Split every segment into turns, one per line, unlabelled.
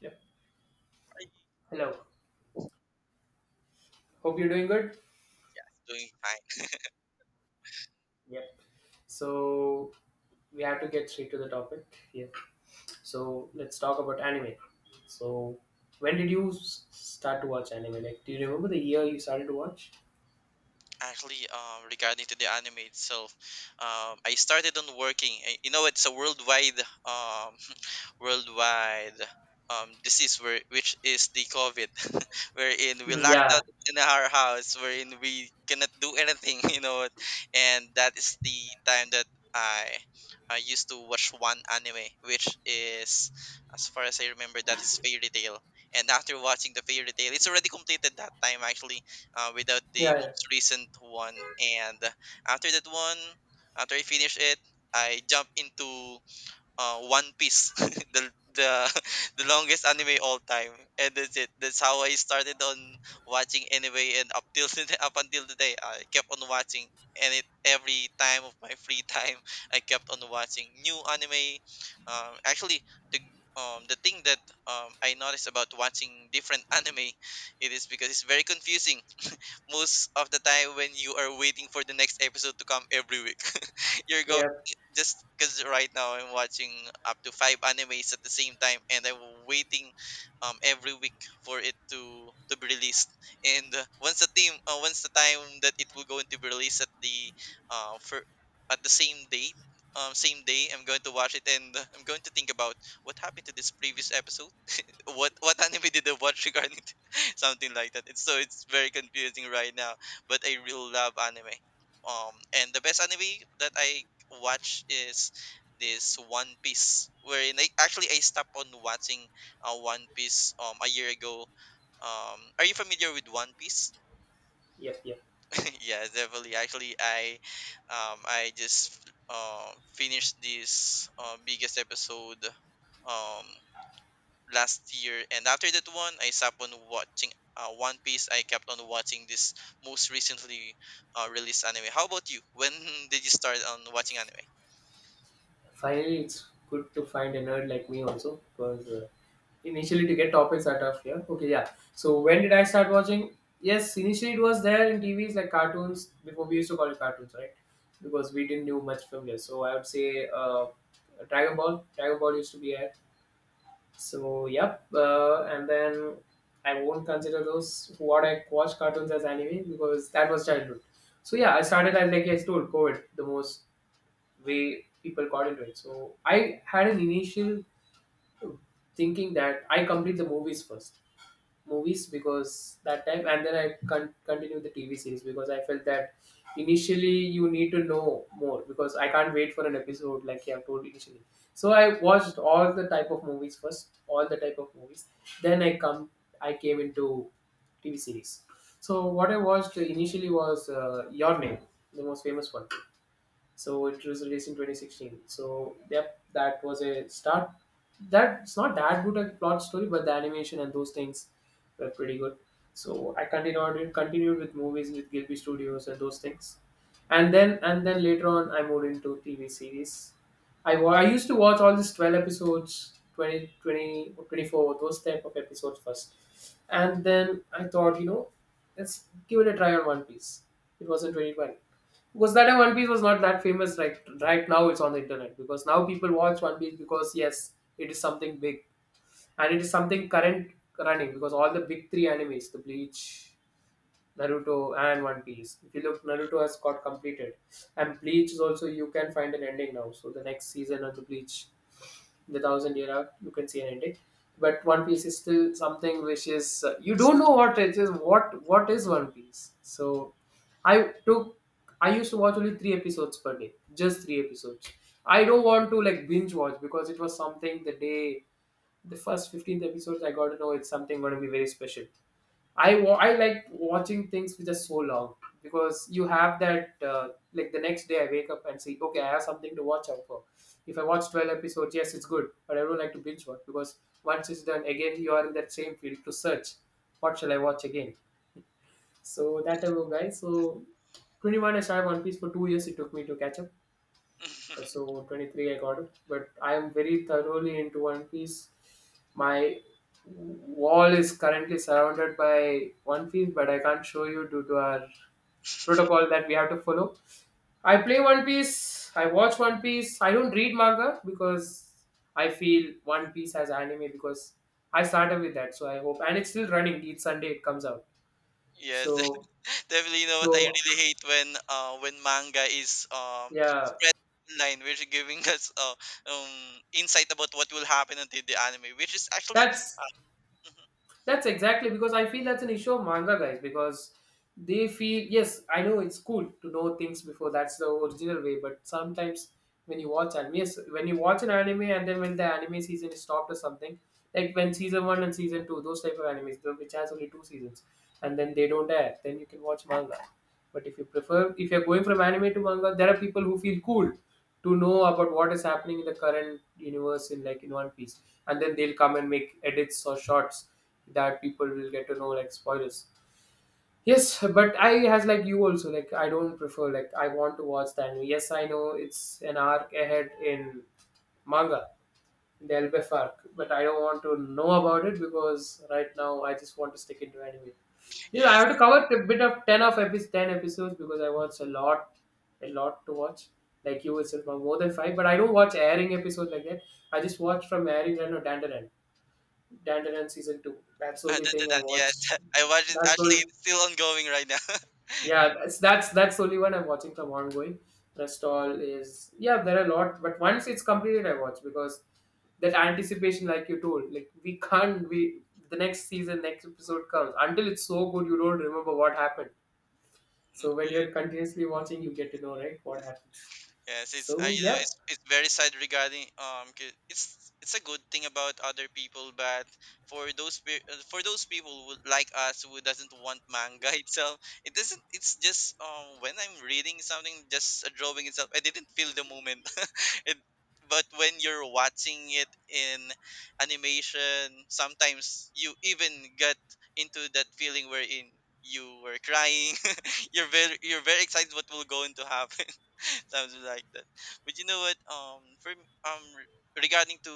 Yep.
It's
Hello. Hope you're doing good.
doing fine.
Yep. So we have to get straight to the topic. Yeah. So let's talk about anime. So when did you start to watch anime? Like, do you remember the year you started to watch?
Actually, regarding to the anime itself, I started on working. It's a worldwide worldwide disease, which is the COVID, wherein we
Mm,
locked
yeah.
out in our house, wherein we cannot do anything, And that is the time that I I used to watch one anime, which is, as far as I remember, that is Fairy Tail. And after watching the Fairy Tail, it's already completed that time actually, without
Yeah.
the
Yeah.
most recent one. And after that one, after I finish it, I jump into One Piece, the the the longest anime all time, and that's it. That's how I started on watching anyway, and up till today, up until today, I kept on watching, and it every time of my free time, I kept on watching new anime. Actually, the the thing that I noticed about watching different anime, it is because it's very confusing most of the time when you are waiting for the next episode to come every week. You're go
Yep.
just because right now I'm watching up to five animes at the same time, and I'm waiting every week for it to be released. And once the team, once the time that it will going to be released at the for at the same date. Same day, I'm going to watch it and I'm going to think about what happened to this previous episode, what anime did I watch regarding to, something like that. It's so it's very confusing right now. But I really love anime. Um, and the best anime that I watch is this One Piece, wherein I actually I stopped on watching One Piece a year ago. Are you familiar with One Piece?
Yep. Yep.
Yeah, definitely. Actually, I just finished this biggest episode. Um, last year, and after that one I stopped on watching One Piece. I kept on watching this most recently released anime. How about you, when did you start on watching anime?
Finally, it's good to find a nerd like me also because initially to get topics out of here. Okay, yeah. So when did I start watching? Yes, initially it was there in TVs like cartoons. Before we used to call it cartoons, right? Because we didn't do much from there. So I would say Dragon Ball. Dragon Ball used to be there. So yep. And then I won't consider those what I watch cartoons as anime because that was childhood. So yeah, I started as like I told, COVID the most way people got into it. So I had an initial thinking that I complete the movies first, movies because that time, and then I continued the TV series because I felt that initially you need to know more, because I can't wait for an episode like you have told initially. So I watched all the type of movies first, all the type of movies, then I came into TV series. So what I watched initially was Your Name, the most famous one. So it was released in 2016, so yep, that was a start. That's not that good a plot story, but the animation and those things were pretty good. So I continued with movies with Gilby Studios and those things, and then later on I moved into TV series. I used to watch all these 12 episodes, 20 20 twenty four, those type of episodes first. And then I thought, let's give it a try on One Piece. It was in 2012. Because that time One Piece was not that famous, right now it's on the internet because now people watch One Piece because yes, it is something big. And it is something current running because all the big three animes, the Bleach, Naruto and One Piece. If you look, Naruto has got completed. And Bleach is also you can find an ending now. So the next season of the Bleach, the thousand year arc, you can see an ending. But One Piece is still something which is, you don't know what it is. What is One Piece? So i took I used to watch only three episodes per day, just three episodes. I don't want to like binge watch because it was something, the day the first 15th episodes I got to know it's something going to be very special. I like watching things which are so long because you have that, like the next day I wake up and say okay, I have something to watch out for. If I watch 12 episodes, yes, it's good, but I don't like to binge watch because once it's done, again you are in that same field to search. What shall I watch again? So that type of guy. So 21, I started One Piece for 2 years. It took me to catch up. Uh,
Still.
So 23 I got it, but I am very thoroughly into One Piece. My wall is currently surrounded by One Piece, but I can't show you due to our protocol that we have to follow. I play One Piece, I watch One Piece, I don't read manga because I feel One Piece as anime because I started with that, so I hope, and it's still running each Sunday it comes out.
Yes,
So
definitely. You know what, I
so
really hate when manga is
yeah,
spread online, which is giving us um insight about what will happen until the anime, which is actually
that's
mhm.
That's exactly because I feel that's an issue of manga guys, because they feel yes, I know it's cool to know things before, that's the original way, but sometimes when you watch anime, yes, when you watch an anime and then when the anime season is stopped or something, like when season one and season two, those type of animes, which has only two seasons, and then they don't air, then you can watch manga. But if you prefer, if you're going from anime to manga, there are people who feel cool to know about what is happening in the current universe, in like in One Piece, and then they'll come and make edits or shorts that people will get to know, like spoilers. Yes, but I has like you also, like I don't prefer, like I want to watch the anime. Yes, I know it's an arc ahead in manga. There'll be a FARC, but I don't want to know about it because right now I just want to stick into anime. Yes, I have to
Yes,
cover a bit of ten episodes because I watch a lot to watch. Like you itself, more than five. But I don't watch airing episodes like that. I just watch from airing and Dandaran season two. That's the only thing I
that,
watch.
yes, I watched it,
That's
actually
all.
it's still ongoing right now.
Yeah, that's the only one I'm watching from ongoing. Rest all is, yeah, there are a lot, but once it's completed I watch because that anticipation, like you told, like we can't we the next season, next episode comes, until it's so good you don't remember what happened.
Mm.
So when you're continuously watching you get to know, right, what happens.
Yes, it's I,
So
you know,
yeah,
it's very sad regarding it's a good thing about other people, but for for those people who, like us, who doesn't want manga itself, it doesn't. It's just when I'm reading something, just a drawing itself, I didn't feel the moment. It, but when you're watching it in animation, sometimes you even get into that feeling wherein you were crying. You're very excited what will going to happen. Something like that. But you know what? Regarding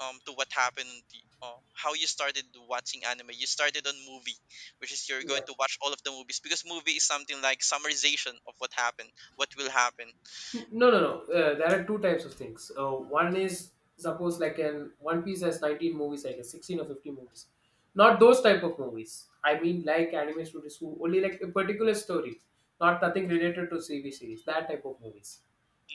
to what happened, on the, how you started watching anime, you started on movie, which is you're
yeah.
going to watch all of the movies because movie is something like summarization of what happened, what will happen.
No, no, no. There are two types of things. One is, suppose like an One Piece has 19 movies, I guess 16 or 15 movies. Not those type of movies. I mean like anime studios who only like a particular story, not nothing related to CV series. That type of movies.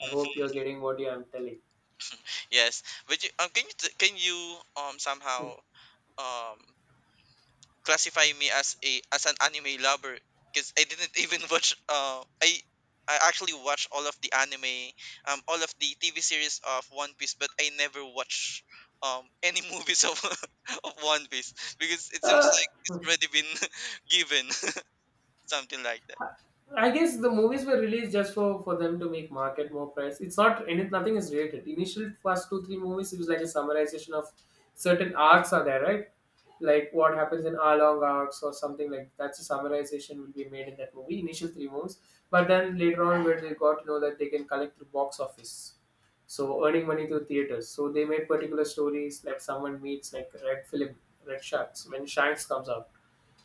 I hope you're getting what I'm telling.
Yes, but you, can you somehow um classify me as a as an anime lover, because I didn't even watch I actually watched all of the anime, all of the TV series of One Piece, but I never watch any movies of of One Piece because it seems
Uh,
like it's already been given something like that.
I guess the movies were released just for them to make market more price. It's not any, nothing is related. Initial first two three movies, it was like a summarization of certain arcs are there, right? Like what happens in Along arcs or something, like that's a summarization will be made in that movie. Initial three movies, but then later on, where they got to know that they can collect through box office, so earning money through theaters. So they made particular stories, like someone meets, like Red Film, Red Sharks when Shanks comes out,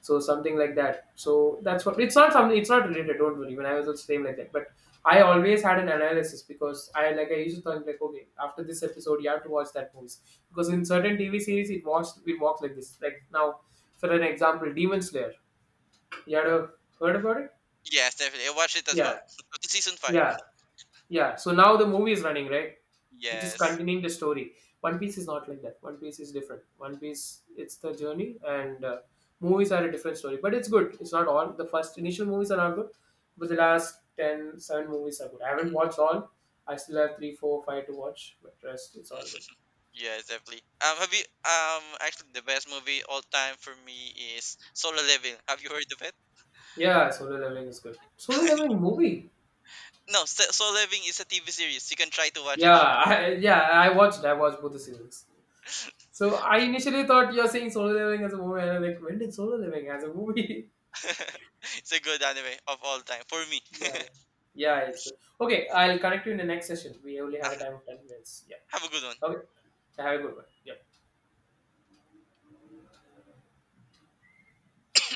so something like that. So that's what, it's not something, it's not related, don't worry. When I was the same like that. But I always had an analysis because I used to think, like, okay, after this episode you have to watch that movie. Because in certain TV series it walks like this. Like now, for an example, Demon Slayer. You heard about it?
Yes, definitely. I watched it as well.
Yeah.
Up to season 5.
Yeah. Yeah, so now the movie is running, right? Which is
Yes.
continuing the story. One Piece is not like that. One Piece is different. One Piece, it's the journey, and movies are a different story. But it's good. It's not all. The first initial movies are not good, but the last 10 7 movies are good. I haven't watched all. I still have 3 4 5 to watch, but rest, it's all good.
Yes, definitely. Have you actually, the best movie all time for me is Solo Leveling. Have you heard of it?
Yeah, Solo Leveling is good. Solo Leveling movie?
No, So Soul Living is a TV series. You can try to watch it
Yeah,
over.
I watched. I watched both the seasons. So I initially thought you're saying Solo Leveling as a movie, and I'm like, when did Solo Leveling as a movie?
It's a good anime of all time for me.
Yeah. Yeah, it's good. Okay, I'll connect you in the next session. We only have
Ah,
a time of 10 minutes. Yeah.
have a good one.
Okay. Have a good one. Yeah.